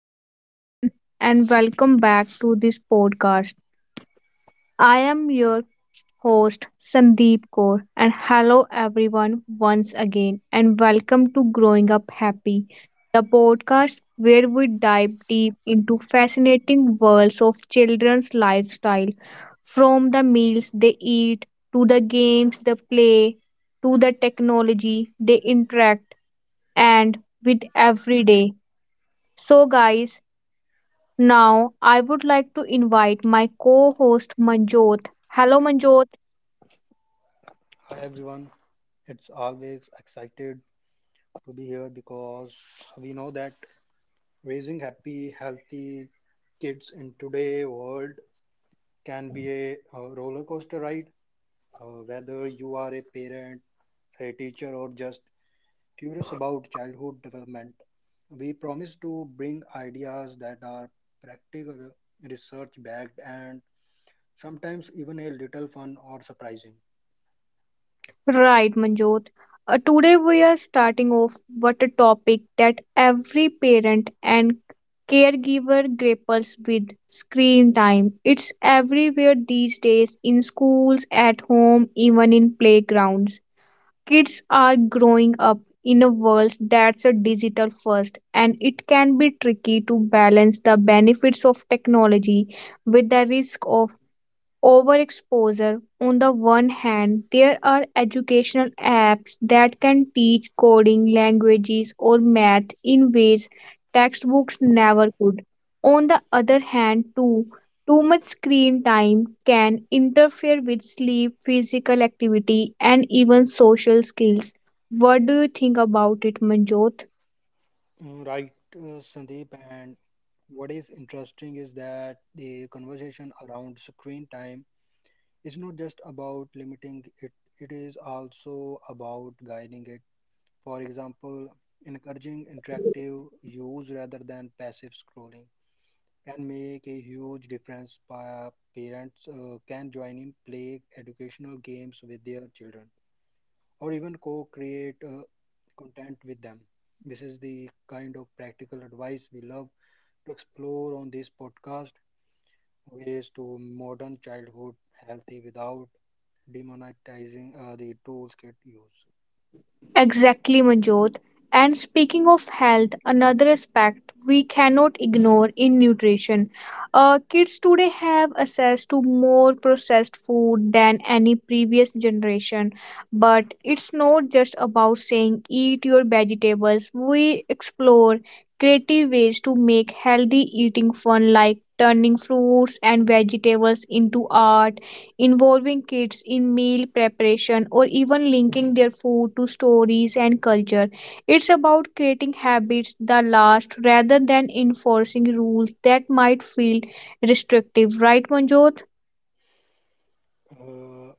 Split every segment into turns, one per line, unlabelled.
everyone, and welcome back to this podcast. I am your host, Sandeep Kaur, and hello, everyone, once again, and welcome to Growing Up Happy, the podcast where we dive deep into fascinating worlds of children's lifestyle from the meals they eat to the games they play to the technology they interact and with every day. So, guys, now, I would like to invite my co host Manjot. Hello, Manjot.
Hi everyone, it's always excited to be here because we know that raising happy, healthy kids in today's world can be a roller coaster ride. Whether you are a parent, a teacher, or just curious about childhood development, we promise to bring ideas that are practical, research backed, and sometimes even a little fun or surprising.
Right, Manjot. Today, we are starting off with a topic that every parent and caregiver grapples with screen time. It's everywhere these days in schools, at home, even in playgrounds. Kids are growing up in a world that's a digital first, and it can be tricky to balance the benefits of technology with the risk of overexposure. On the one hand, there are educational apps that can teach coding, languages, or math in ways textbooks never could. On the other hand, too much screen time can interfere with sleep, physical activity, and even social skills. What do you think about it, Manjot?
Mm, right, Sandeep. And what is interesting is that the conversation around screen time is not just about limiting it, it is also about guiding it. For example, encouraging interactive use rather than passive scrolling can make a huge difference. Parents can join in, play educational games with their children, or even co create content with them. This is the kind of practical advice we love to explore on this podcast ways to modern childhood healthy without demonetizing the tools kids use.
Exactly, Manjot. And speaking of health, another aspect we cannot ignore in nutrition. Kids today have access to more processed food than any previous generation. But it's not just about saying eat your vegetables. We explore creative ways to make healthy eating fun, like turning fruits and vegetables into art involving kids in meal preparation or even linking their food to stories and culture. It's about creating habits that last rather than enforcing rules that might feel restrictive, right, Manjot?
Uh,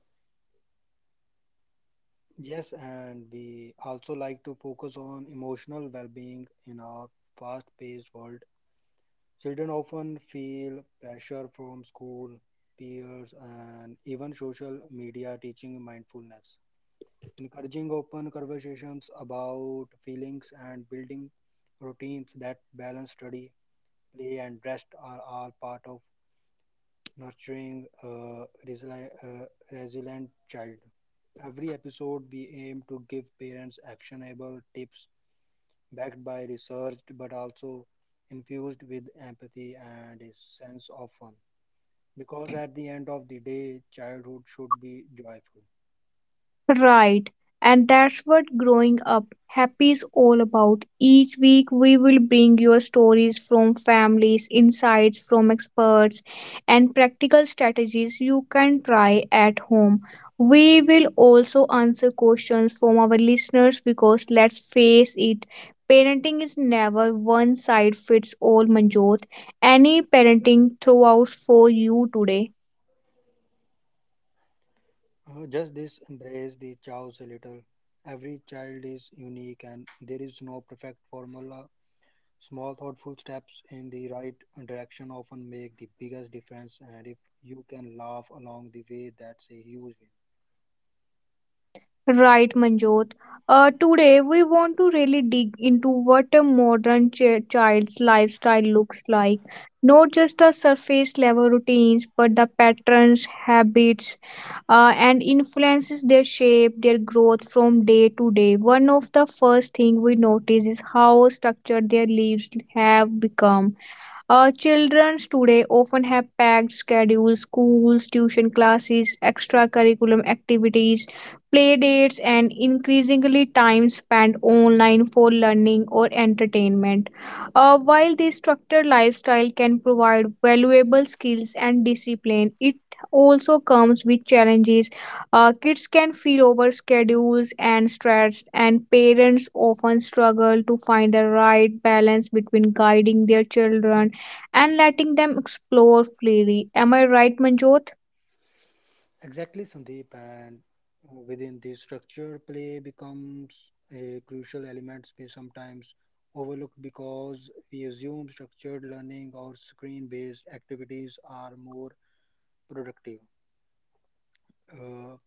yes, and we also like to focus on emotional well-being in our fast-paced world. Children often feel pressure from school, peers, and even social media teaching mindfulness. Encouraging open conversations about feelings and building routines that balance study, play and rest are all part of nurturing a resilient child. Every episode, we aim to give parents actionable tips backed by research but also infused with empathy and a sense of fun. Because at the end of the day, childhood should be joyful.
Right. And that's what growing up happy is all about. Each week, we will bring your stories from families, insights from experts, and practical strategies you can try at home. We will also answer questions from our listeners because let's face it, parenting is never one size fits all, Manjot. Any parenting throughout for you today?
Just this embrace the chaos a little. Every child is unique and there is no perfect formula. Small thoughtful steps in the right direction often make the biggest difference, and if you can laugh along the way, that's a huge win.
Right, Manjot. Today, we want to really dig into what a modern child's lifestyle looks like. Not just the surface level routines, but the patterns, habits, and influences their shape, their growth from day to day. One of the first things we notice is how structured their lives have become. Children today often have packed schedules, schools, tuition classes, extracurriculum activities, play dates, and increasingly time spent online for learning or entertainment. While this structured lifestyle can provide valuable skills and discipline, it also comes with challenges. Kids can feel over schedules and stressed, and parents often struggle to find the right balance between guiding their children and letting them explore freely. Am I right, Manjot?
Exactly, Sandeep. And within the structure, play becomes a crucial element, we sometimes overlooked because we assume structured learning or screen-based activities are more productive. Uh,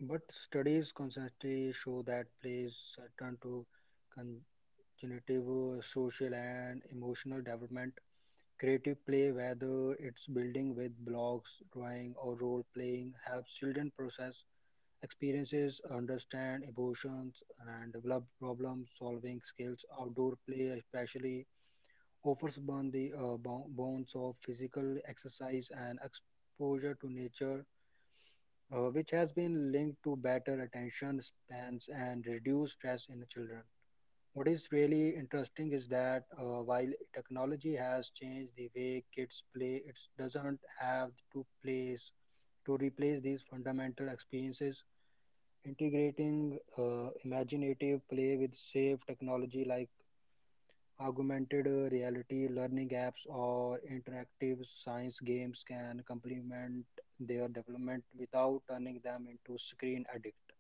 but studies consistently show that plays turn to con cognitive, social, and emotional development. Creative play, whether it's building with blocks, drawing, or role playing, helps children process experiences, understand emotions, and develop problem solving skills. Outdoor play, especially, offers bond the bonds of physical exercise and exposure to nature, which has been linked to better attention spans and reduced stress in children. What is really interesting is that while technology has changed the way kids play, it doesn't have to place to replace these fundamental experiences. Integrating imaginative play with safe technology like augmented reality, learning apps, or interactive science games can complement their development without turning them into screen addict.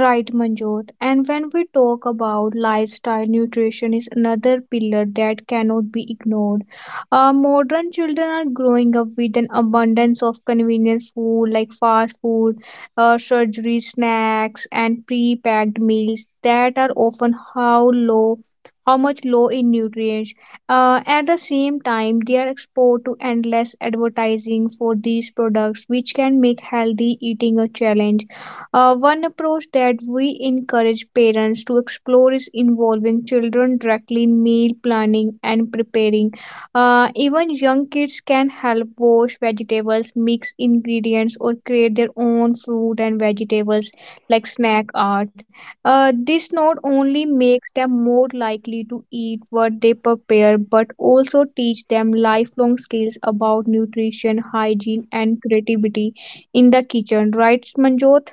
Right, Manjot. And when we talk about lifestyle, nutrition is another pillar that cannot be ignored. Modern children are growing up with an abundance of convenient food like fast food, surgery snacks, and pre-packed meals that are often how much low in nutrients. At the same time, they are exposed to endless advertising for these products, which can make healthy eating a challenge. One approach that we encourage parents to explore is involving children directly in meal planning and preparing. Even young kids can help wash vegetables, mix ingredients, or create their own fruit and vegetables like snack art. This not only makes them more likely to eat what they prepare, but also teach them lifelong skills about nutrition, hygiene, and creativity in the kitchen. Right, Manjot?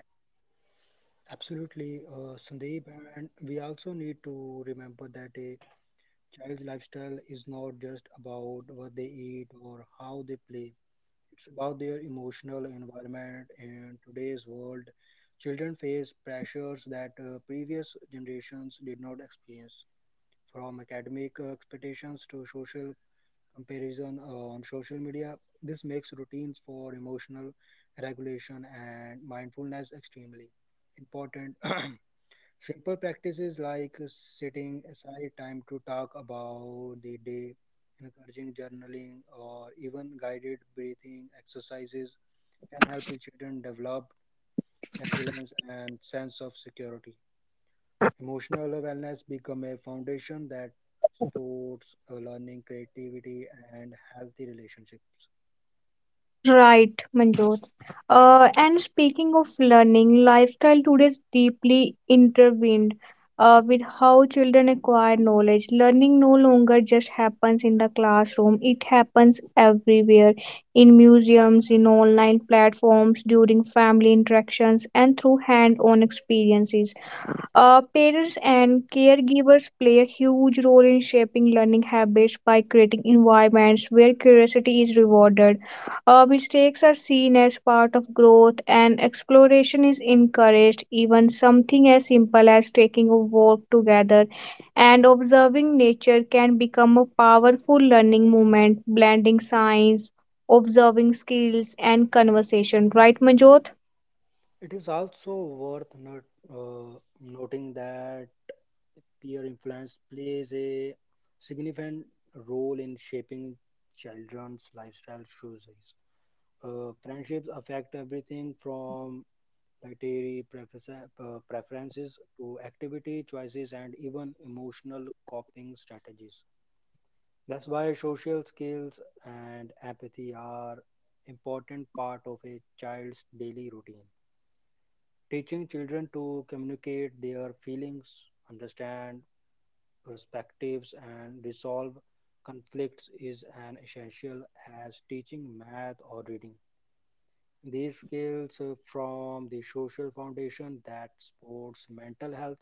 Absolutely, Sandeep, and we also need to remember that a child's lifestyle is not just about what they eat or how they play. It's about their emotional environment. In today's world, children face pressures that previous generations did not experience, from academic expectations to social comparison on social media. This makes routines for emotional regulation and mindfulness extremely important. Simple practices like setting aside time to talk about the day, encouraging journaling, or even guided breathing exercises can help children develop resilience and sense of security. Emotional wellness become a foundation that supports learning, creativity, and healthy relationships.
Right, Manjot. And speaking of learning, lifestyle today is deeply intertwined with how children acquire knowledge. Learning no longer just happens in the classroom, it happens everywhere in museums, in online platforms, during family interactions, and through hand on experiences. Parents and caregivers play a huge role in shaping learning habits by creating environments where curiosity is rewarded. Mistakes are seen as part of growth, and exploration is encouraged. Even something as simple as taking a walk together and observing nature can become a powerful learning moment, blending science, observing skills, and conversation. Right, Manjot?
It is also worth not, noting that peer influence plays a significant role in shaping children's lifestyle choices. Friendships affect everything from dietary preferences to activity choices and even emotional coping strategies. That's why social skills and empathy are important part of a child's daily routine. Teaching children to communicate their feelings, understand perspectives and resolve conflicts is an essential as teaching math or reading. These skills form the social foundation that supports mental health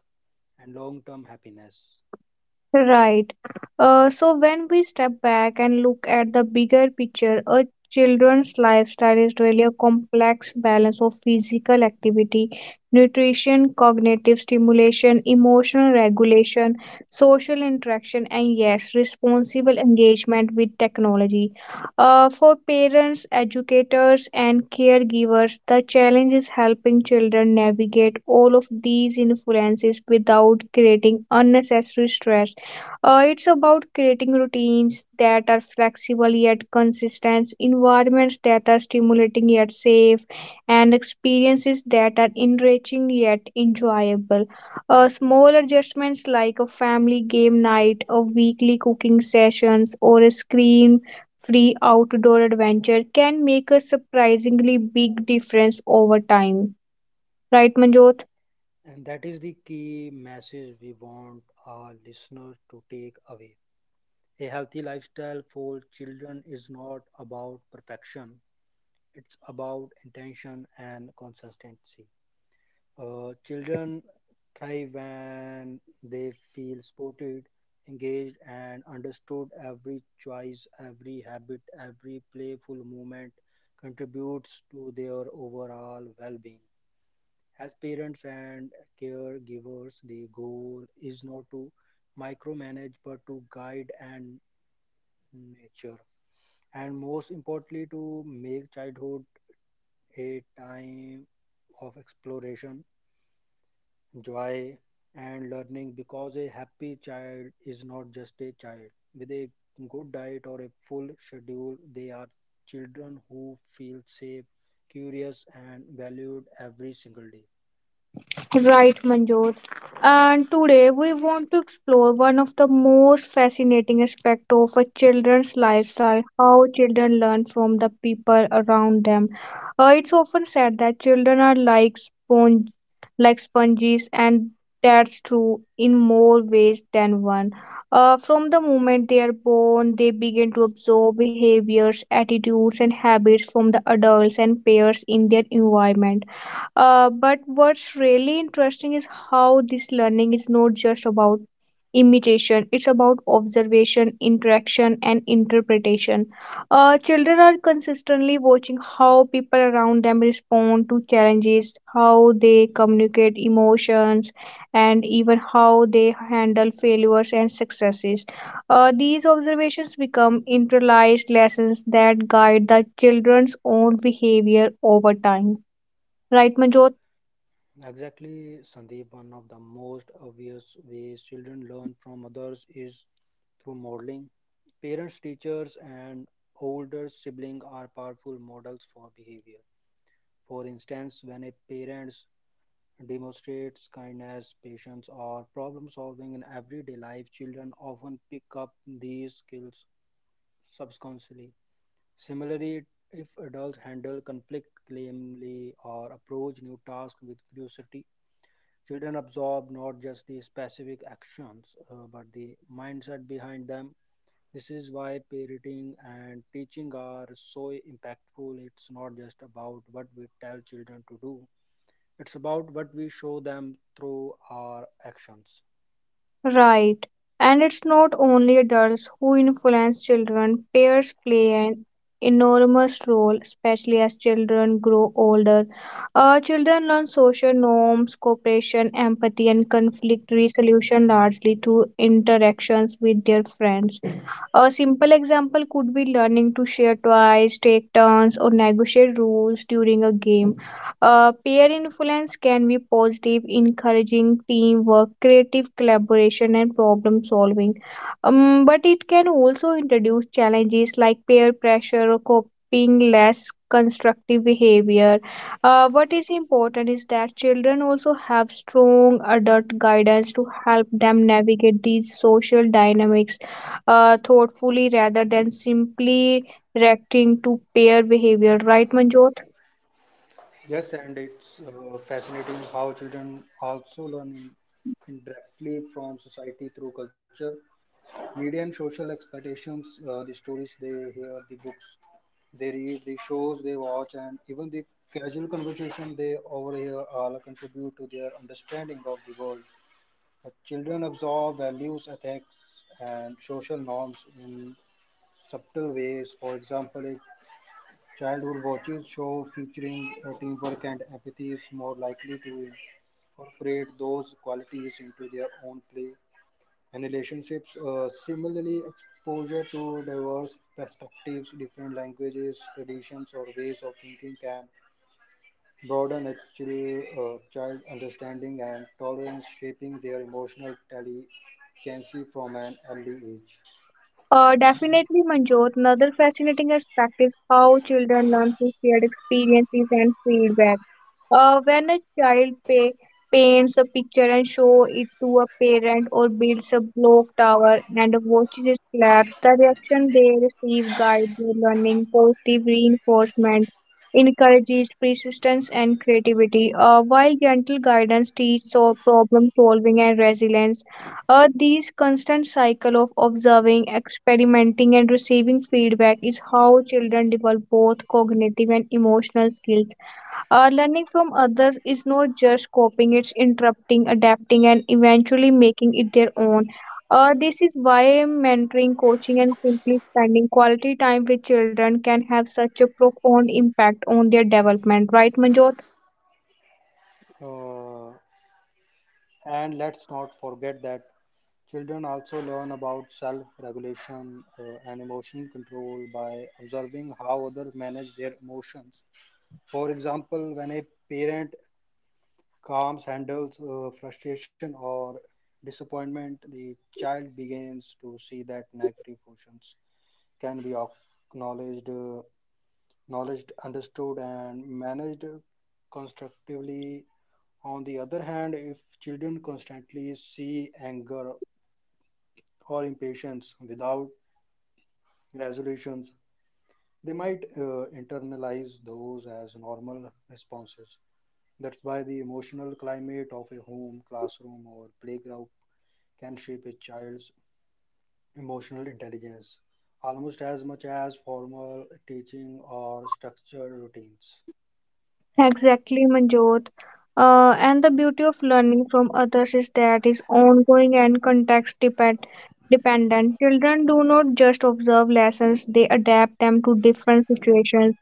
and long term happiness.
Right. So when we step back and look at the bigger picture, a children's lifestyle is really a complex balance of physical activity, nutrition, cognitive stimulation, emotional regulation, social interaction, and yes, responsible engagement with technology. For parents, educators, and caregivers, the challenge is helping children navigate all of these influences without creating unnecessary stress. It's about creating routines that are flexible yet consistent, environments that are stimulating yet safe, and experiences that are enriching yet enjoyable. Small adjustments like a family game night, a weekly cooking sessions, or a screen free outdoor adventure can make a surprisingly big difference over time. Right, Manjot?
And that is the key message we want our listeners to take away. A healthy lifestyle for children is not about perfection, it's about intention and consistency. Children thrive when they feel supported, engaged, and understood. Every choice, every habit, every playful movement contributes to their overall well being. As parents and caregivers, the goal is not to micromanage but to guide and nurture, and most importantly, to make childhood a time of exploration joy, and learning because a happy child is not just a child. With a good diet or a full schedule, they are children who feel safe, curious, and valued every single day.
Right, Manjot. And today we want to explore one of the most fascinating aspects of a children's lifestyle how children learn from the people around them. It's often said that children are like sponges, and that's true in more ways than one. From the moment they are born, they begin to absorb behaviors, attitudes, and habits from the adults and peers in their environment. But what's really interesting is how this learning is not just about imitation, it's about observation, interaction, and interpretation. Children are consistently watching how people around them respond to challenges, how they communicate emotions, and even how they handle failures and successes. These observations become internalized lessons that guide the children's own behavior over time. Right, Manjot?
Exactly, Sandeep. One of the most obvious ways children learn from others is through modeling. Parents, teachers, and older siblings are powerful models for behavior. For instance, when a parent demonstrates kindness, patience, or problem solving in everyday life, children often pick up these skills subconsciously. Similarly, if adults handle conflict calmly or approach new tasks with curiosity, children absorb not just the specific actions but the mindset behind them. This is why parenting and teaching are so impactful. It's not just about what we tell children to do, it's about what we show them through our actions.
Right. And it's not only adults who influence children. Peers play an enormous role, especially as children grow older. Children learn social norms, cooperation, empathy, and conflict resolution largely through interactions with their friends. A simple example could be learning to share twice, take turns, or negotiate rules during a game. Peer influence can be positive, encouraging teamwork, creative collaboration, and problem solving. But it can also introduce challenges like peer pressure or copying less constructive behavior. What is important is that children also have strong adult guidance to help them navigate these social dynamics thoughtfully rather than simply reacting to pair behavior, right, Manjot?
Yes, and it's fascinating how children also learn indirectly from society through culture, media, and social expectations. The stories they hear, the books they read, the shows they watch, and even the casual conversation they overhear all contribute to their understanding of the world. Children absorb values, ethics, and social norms in subtle ways. For example, a child who watches shows featuring teamwork and empathy is more likely to incorporate those qualities into their own play and relationships. Similarly, exposure to diverse perspectives, different languages, traditions, or ways of thinking can broaden a child's understanding and tolerance, shaping their emotional telekinesis from an early age.
Definitely, Manjot. Another fascinating aspect is how children learn through shared experiences and feedback. When a child paints a picture and show it to a parent or builds a block tower and watches it collapse, the reaction they receive guides their learning. Positive reinforcement encourages persistence and creativity, while gentle guidance teaches so problem solving and resilience. This constant cycle of observing, experimenting, and receiving feedback is how children develop both cognitive and emotional skills. Learning from others is not just copying, it's interrupting, adapting, and eventually making it their own. This is why mentoring, coaching, and simply spending quality time with children can have such a profound impact on their development, right, Manjot?
Uh, and let's not forget that children also learn about self regulation and emotional control by observing how others manage their emotions. For example, when a parent calms handles frustration or disappointment, the child begins to see that negative emotions can be acknowledged, understood, and managed constructively. On the other hand, if children constantly see anger or impatience without resolutions, they might internalize those as normal responses. That's why the emotional climate of a home, classroom, or playground can shape a child's emotional intelligence almost as much as formal teaching or structured routines.
Exactly, Manjot. And the beauty of learning from others is that it's ongoing and context depend dependent. Children do not just observe lessons, they adapt them to different situations.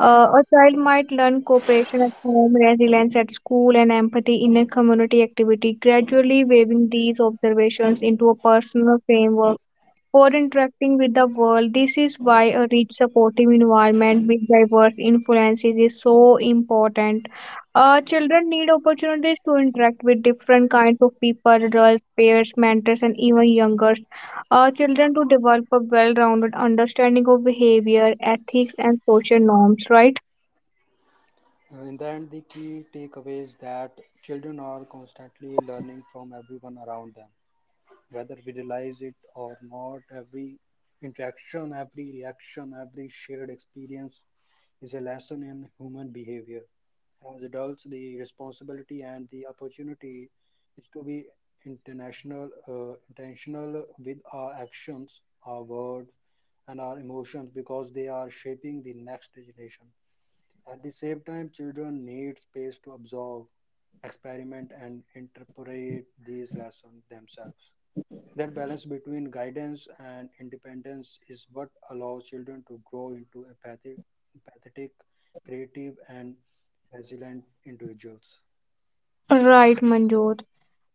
A child might learn cooperation at home, resilience at school, and empathy in a community activity, gradually weaving these observations into a personal framework for interacting with the world. This is why a rich, supportive environment with diverse influences is so important. Children need opportunities to interact with different kinds of people, adults, peers, mentors, and even youngers children to develop a well-rounded understanding of behavior, ethics, and social norms, right?
In the end, the key takeaway is that children are constantly learning from everyone around them. Whether we realize it or not, every interaction, every reaction, every shared experience is a lesson in human behavior. As adults, the responsibility and the opportunity is to be intentional with our actions, our words, and our emotions because they are shaping the next generation. At the same time, children need space to absorb, experiment, and interpret these lessons themselves. That balance between guidance and independence is what allows children to grow into empathetic, creative, and resilient individuals.
Right, Manjot.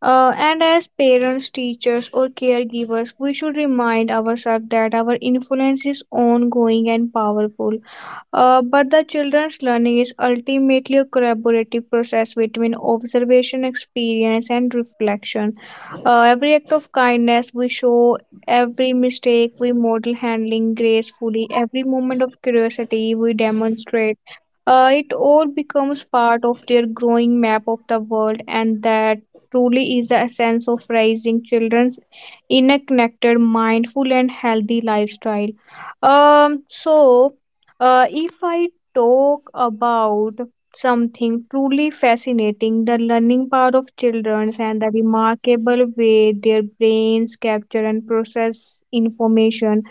And as parents, teachers, or caregivers, we should remind ourselves that our influence is ongoing and powerful. But the children's learning is ultimately a collaborative process between observation, experience, and reflection. Every act of kindness we show, every mistake we model handling gracefully, every moment of curiosity we demonstrate. It all becomes part of their growing map of the world, and that truly is the essence of raising children's in a connected, mindful, and healthy lifestyle. So if I talk about something truly fascinating, the learning power of children and the remarkable way their brains capture and process information,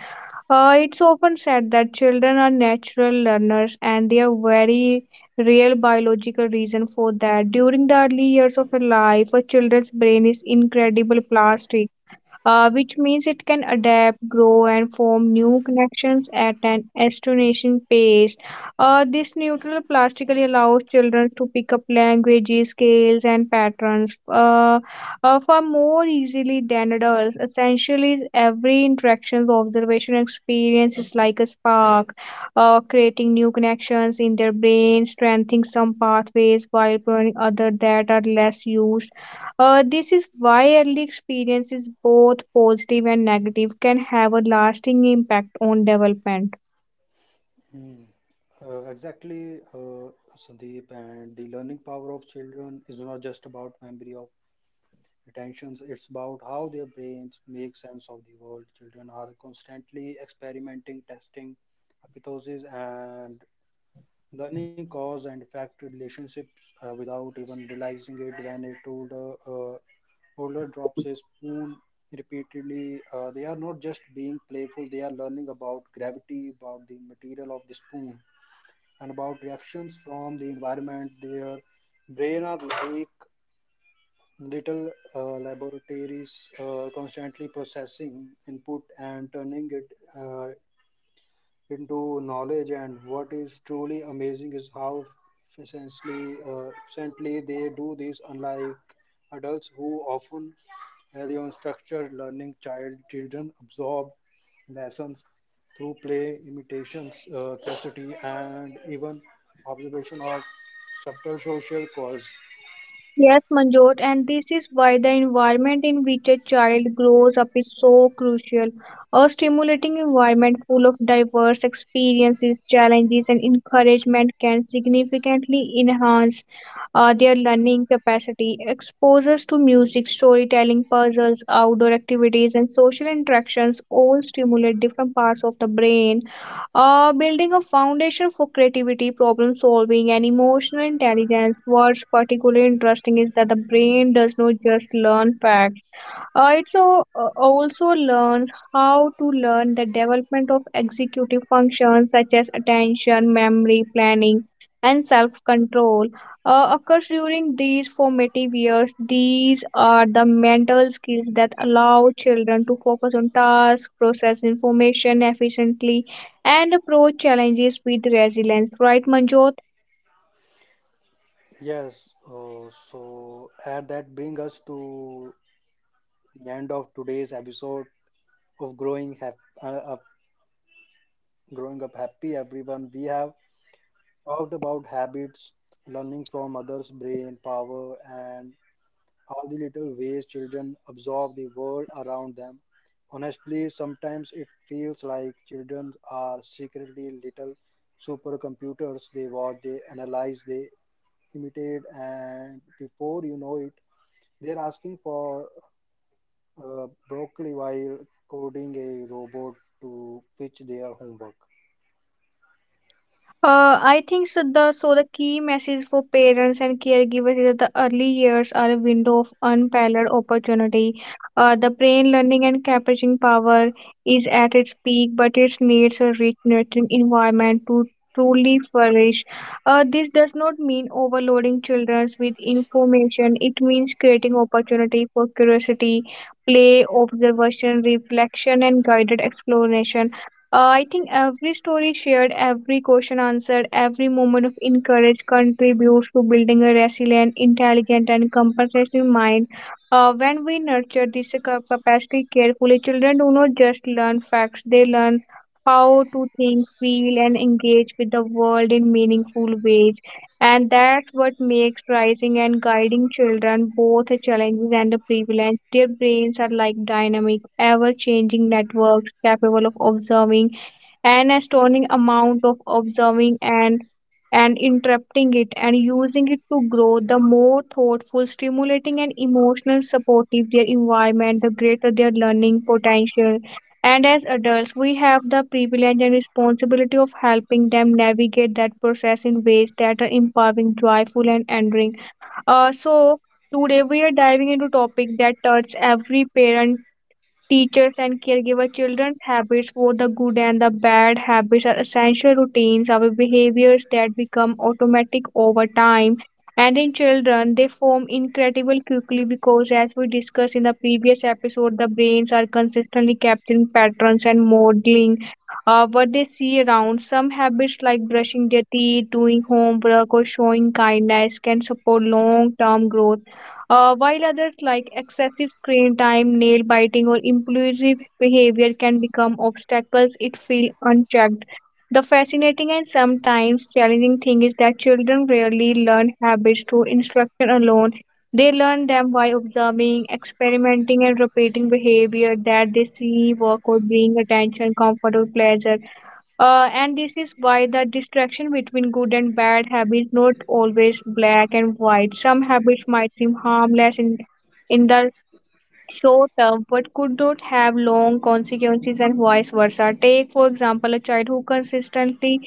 it's often said that children are natural learners and they are very real biological reason for that during the early years of a life a children's brain is incredible plastic, which means it can adapt, grow, and form new connections at an astonishing pace. This neutral plastically allows children to pick up languages, scales, and patterns far more easily than adults. Essentially, every interaction, observation, and experience is like a spark, creating new connections in their brain, strengthening some pathways while pruning others that are less used. This is why early experiences, both positive and negative, can have a lasting impact on development.
Hmm. Exactly, Sandeep, and the learning power of children is not just about memory of retentions, it's about how their brains make sense of the world. Children are constantly experimenting, testing hypotheses, and learning cause and effect relationships without even realizing it when a toddler drops a spoon repeatedly. They are not just being playful, they are learning about gravity, about the material of the spoon, and about reactions from the environment. Their brain are like little laboratories constantly processing input and turning it uh, into knowledge. And what is truly amazing is how efficiently they do this, unlike adults who often rely on structured learning. Children absorb lessons through play, imitations, curiosity, and even observation of subtle social cause.
Yes, Manjot, and this is why the environment in which a child grows up is so crucial. A stimulating environment full of diverse experiences, challenges, and encouragement can significantly enhance their learning capacity. Exposures to music, storytelling, puzzles, outdoor activities, and social interactions all stimulate different parts of the brain building a foundation for creativity, problem solving, and emotional intelligence. What's particularly interesting is that the brain does not just learn facts. It also learns how to learn the development of executive functions such as attention, memory, planning, and self control. Occurs during these formative years. These are the mental skills that allow children to focus on tasks, process information efficiently, and approach challenges with resilience. Right, Manjot?
Yes, so and that brings us to the end of today's episode of Up Growing Up Happy. Everyone, we have talked about habits, learning from others, brain power, and all the little ways children absorb the world around them. Honestly, sometimes it feels like children are secretly little supercomputers. They watch, they analyze, they imitate, and before you know it, they're asking for broccoli while coding a robot to fetch their homework.
I think the key message for parents and caregivers is that the early years are a window of unparalleled opportunity. The brain learning and capturing power is at its peak, but it needs a rich nurturing environment to truly flourish. This does not mean overloading children with information. It means creating opportunity for curiosity, play, observation, reflection, and guided exploration I think every story shared, every question answered, every moment of encourage contributes to building a resilient, intelligent, and compassionate mind. When we nurture this capacity carefully, children do not just learn facts, they learn how to think, feel, and engage with the world in meaningful ways. And that's what makes raising and guiding children both a challenge and a privilege. Their brains are like dynamic, ever changing networks capable of observing an astounding amount of observing and interrupting it and using it to grow. The more thoughtful stimulating and emotional supportive their environment, the greater their learning potential, and as adults, we have the privilege and responsibility of helping them navigate that process in ways that are empowering, joyful, and endearing. Uh, so, Today we are diving into topic that touches every parent, teachers and caregiver. Children's habits, both the good and the bad habits, are essential routines, our behaviors that become automatic over time. And in children, they form incredible quickly because, as we discussed in the previous episode, the brains are consistently capturing patterns and modeling what they see around. Some habits, like brushing their teeth, doing homework, or showing kindness, can support long term growth, while others, like excessive screen time, nail biting, or impulsive behavior, can become obstacles if feel unchecked. The fascinating and sometimes challenging thing is that children rarely learn habits through instruction alone. They learn them by observing, experimenting, and repeating behavior that they see, work, or bring attention, comfort, or pleasure. And this is why the distraction between good and bad habits not always black and white. Some habits might seem harmless in the short term but could not have long consequences and vice versa. Take, for example, a child who consistently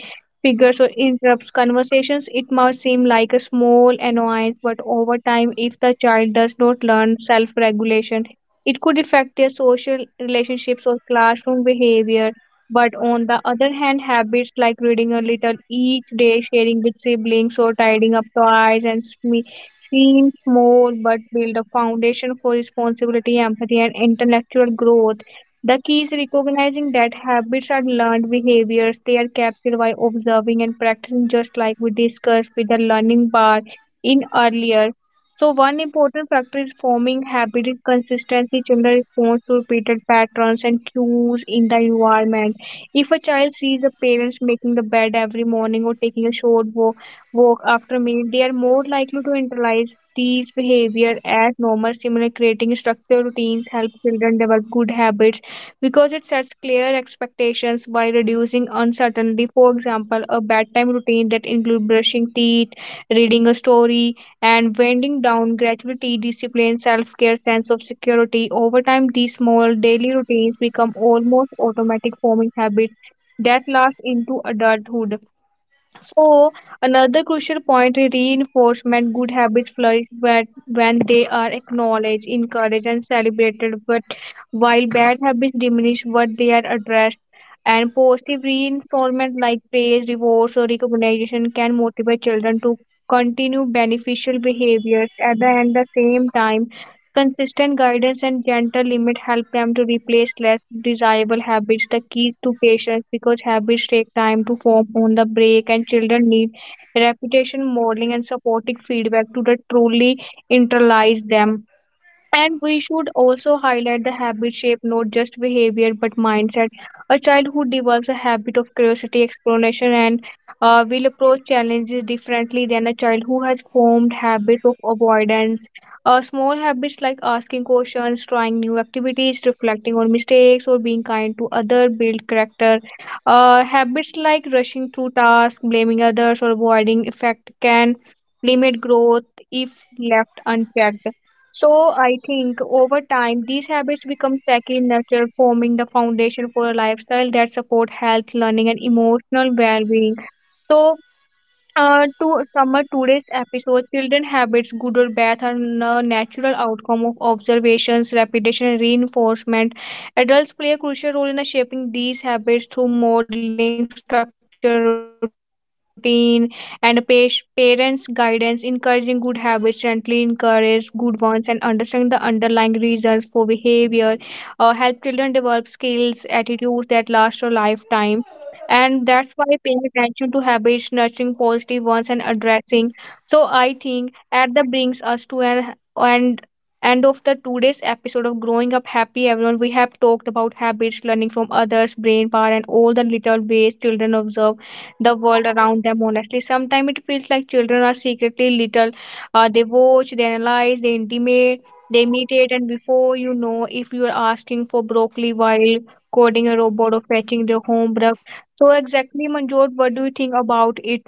figures or interrupts conversations. It might seem like a small annoyance, but over time, if the child does not learn self regulation, it could affect their social relationships or classroom behavior. But on the other hand, habits like reading a little each day, sharing with siblings, or tidying up toys and seem small but build a foundation for responsibility, empathy, and intellectual growth. The key is recognizing that habits are learned behaviors. They are captured by observing and practicing, just like we discussed with the learning bar in earlier. So, one important factor is forming habit is consistency. Children respond to repeated patterns and cues in the environment. If a child sees the parents making the bed every morning or taking a short walk after meat, they are more likely to internalize these behavior as normal, similar creating structured routines, help children develop good habits because it sets clear expectations by reducing uncertainty. For example, a bedtime routine that includes brushing teeth, reading a story, and winding down gradually discipline, self-care, sense of security. Over time, these small daily routines become almost automatic forming habits that last into adulthood. So, another crucial point is reinforcement. Good habits flourish when they are acknowledged, encouraged, and celebrated. But while bad habits diminish what they are addressed, and positive reinforcement like praise, rewards, or recognition can motivate children to continue beneficial behaviors. At the end, the same time, consistent guidance and gentle limits help them to replace less desirable habits. The keys to patience because habits take time to form on the break, and children need repetition, modeling, and supportive feedback to the truly internalize them. And we should also highlight the habit shape, not just behavior but mindset. A child who develops a habit of curiosity, exploration, and will approach challenges differently than a child who has formed habits of avoidance. Small habits like asking questions, trying new activities, reflecting on mistakes, or being kind to others build character. Habits like rushing through tasks, blaming others, or avoiding effect can limit growth if left unchecked. So I think over time, these habits become second nature, forming the foundation for a lifestyle that support health, learning, and emotional well-being. So, to sum up today's episode, children habits, good or bad, are a natural outcome of observations, repetition, and reinforcement. Adults play a crucial role in shaping these habits through modeling, structure, routine, and parents' guidance. Encouraging good habits gently encourage good ones and understand the underlying reasons for behavior. Help children develop skills, attitudes that last a lifetime, and that's why paying attention to habits nurturing positive ones and addressing, so I think at the brings us to an and end of the today's episode of growing up happy, everyone. We have talked about habits, learning from others, brain power, and all the little ways children observe the world around them. Honestly, sometimes it feels like children are secretly little. They watch, they analyze, they intimate they imitate, and before you know if you are asking for broccoli while coding a robot or fetching their homework. So exactly, Manjot, what do you think about it?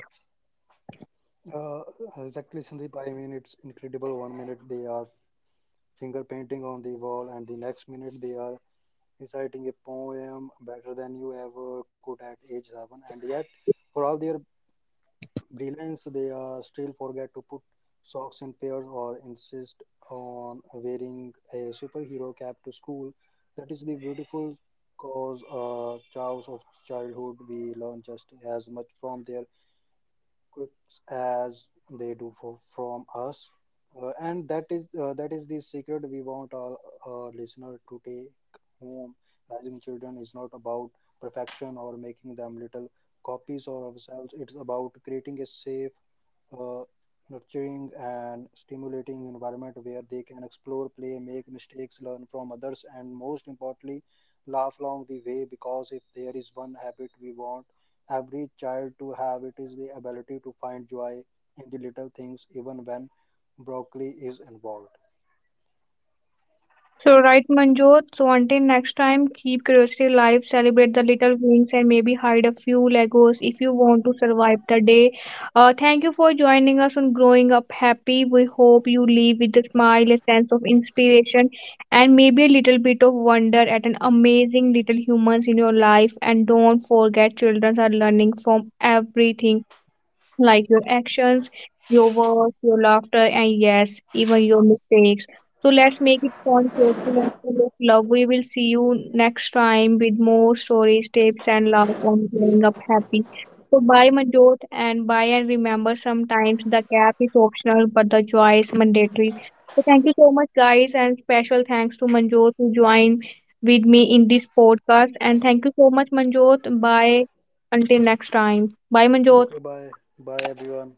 Uh, exactly, Sandeep. I mean, it's incredible. One minute they are finger painting on the wall, and the next minute they are reciting a poem better than you ever could at age seven. And yet, for all their brilliance, they still forget to put socks in pairs or insist on wearing a superhero cap to school. That is the beautiful cause chaos of childhood. We learn just as much from their quirks as they do from us. And that is the secret we want our listener to take home. Raising children is not about perfection or making them little copies of ourselves. It's about creating a safe, uh, nurturing and stimulating environment where they can explore, play, make mistakes, learn from others, and most importantly, laugh along the way. Because if there is one habit we want every child to have, it is the ability to find joy in the little things, even when broccoli is involved.
So right, Manjot. So until next time, keep curiosity alive, celebrate the little wins, and maybe hide a few Legos if you want to survive the day. Thank you for joining us on Growing Up Happy. We hope you leave with a smile, a sense of inspiration, and maybe a little bit of wonder at an amazing little humans in your life. And don't forget, children are learning from everything like your actions, your words, your laughter, and yes, even your mistakes. So let's make it fun, joyful, and full of love. We will see you next time with more stories, tips, and love on growing up happy. So bye, Manjot, and bye. And remember, sometimes the cap is optional, but the joy is mandatory. So thank you so much, guys, and special thanks to Manjot who joined with me in this podcast. And thank you so much, Manjot. Bye. Until next time. Bye,
Okay,
Manjot.
bye. Bye, everyone.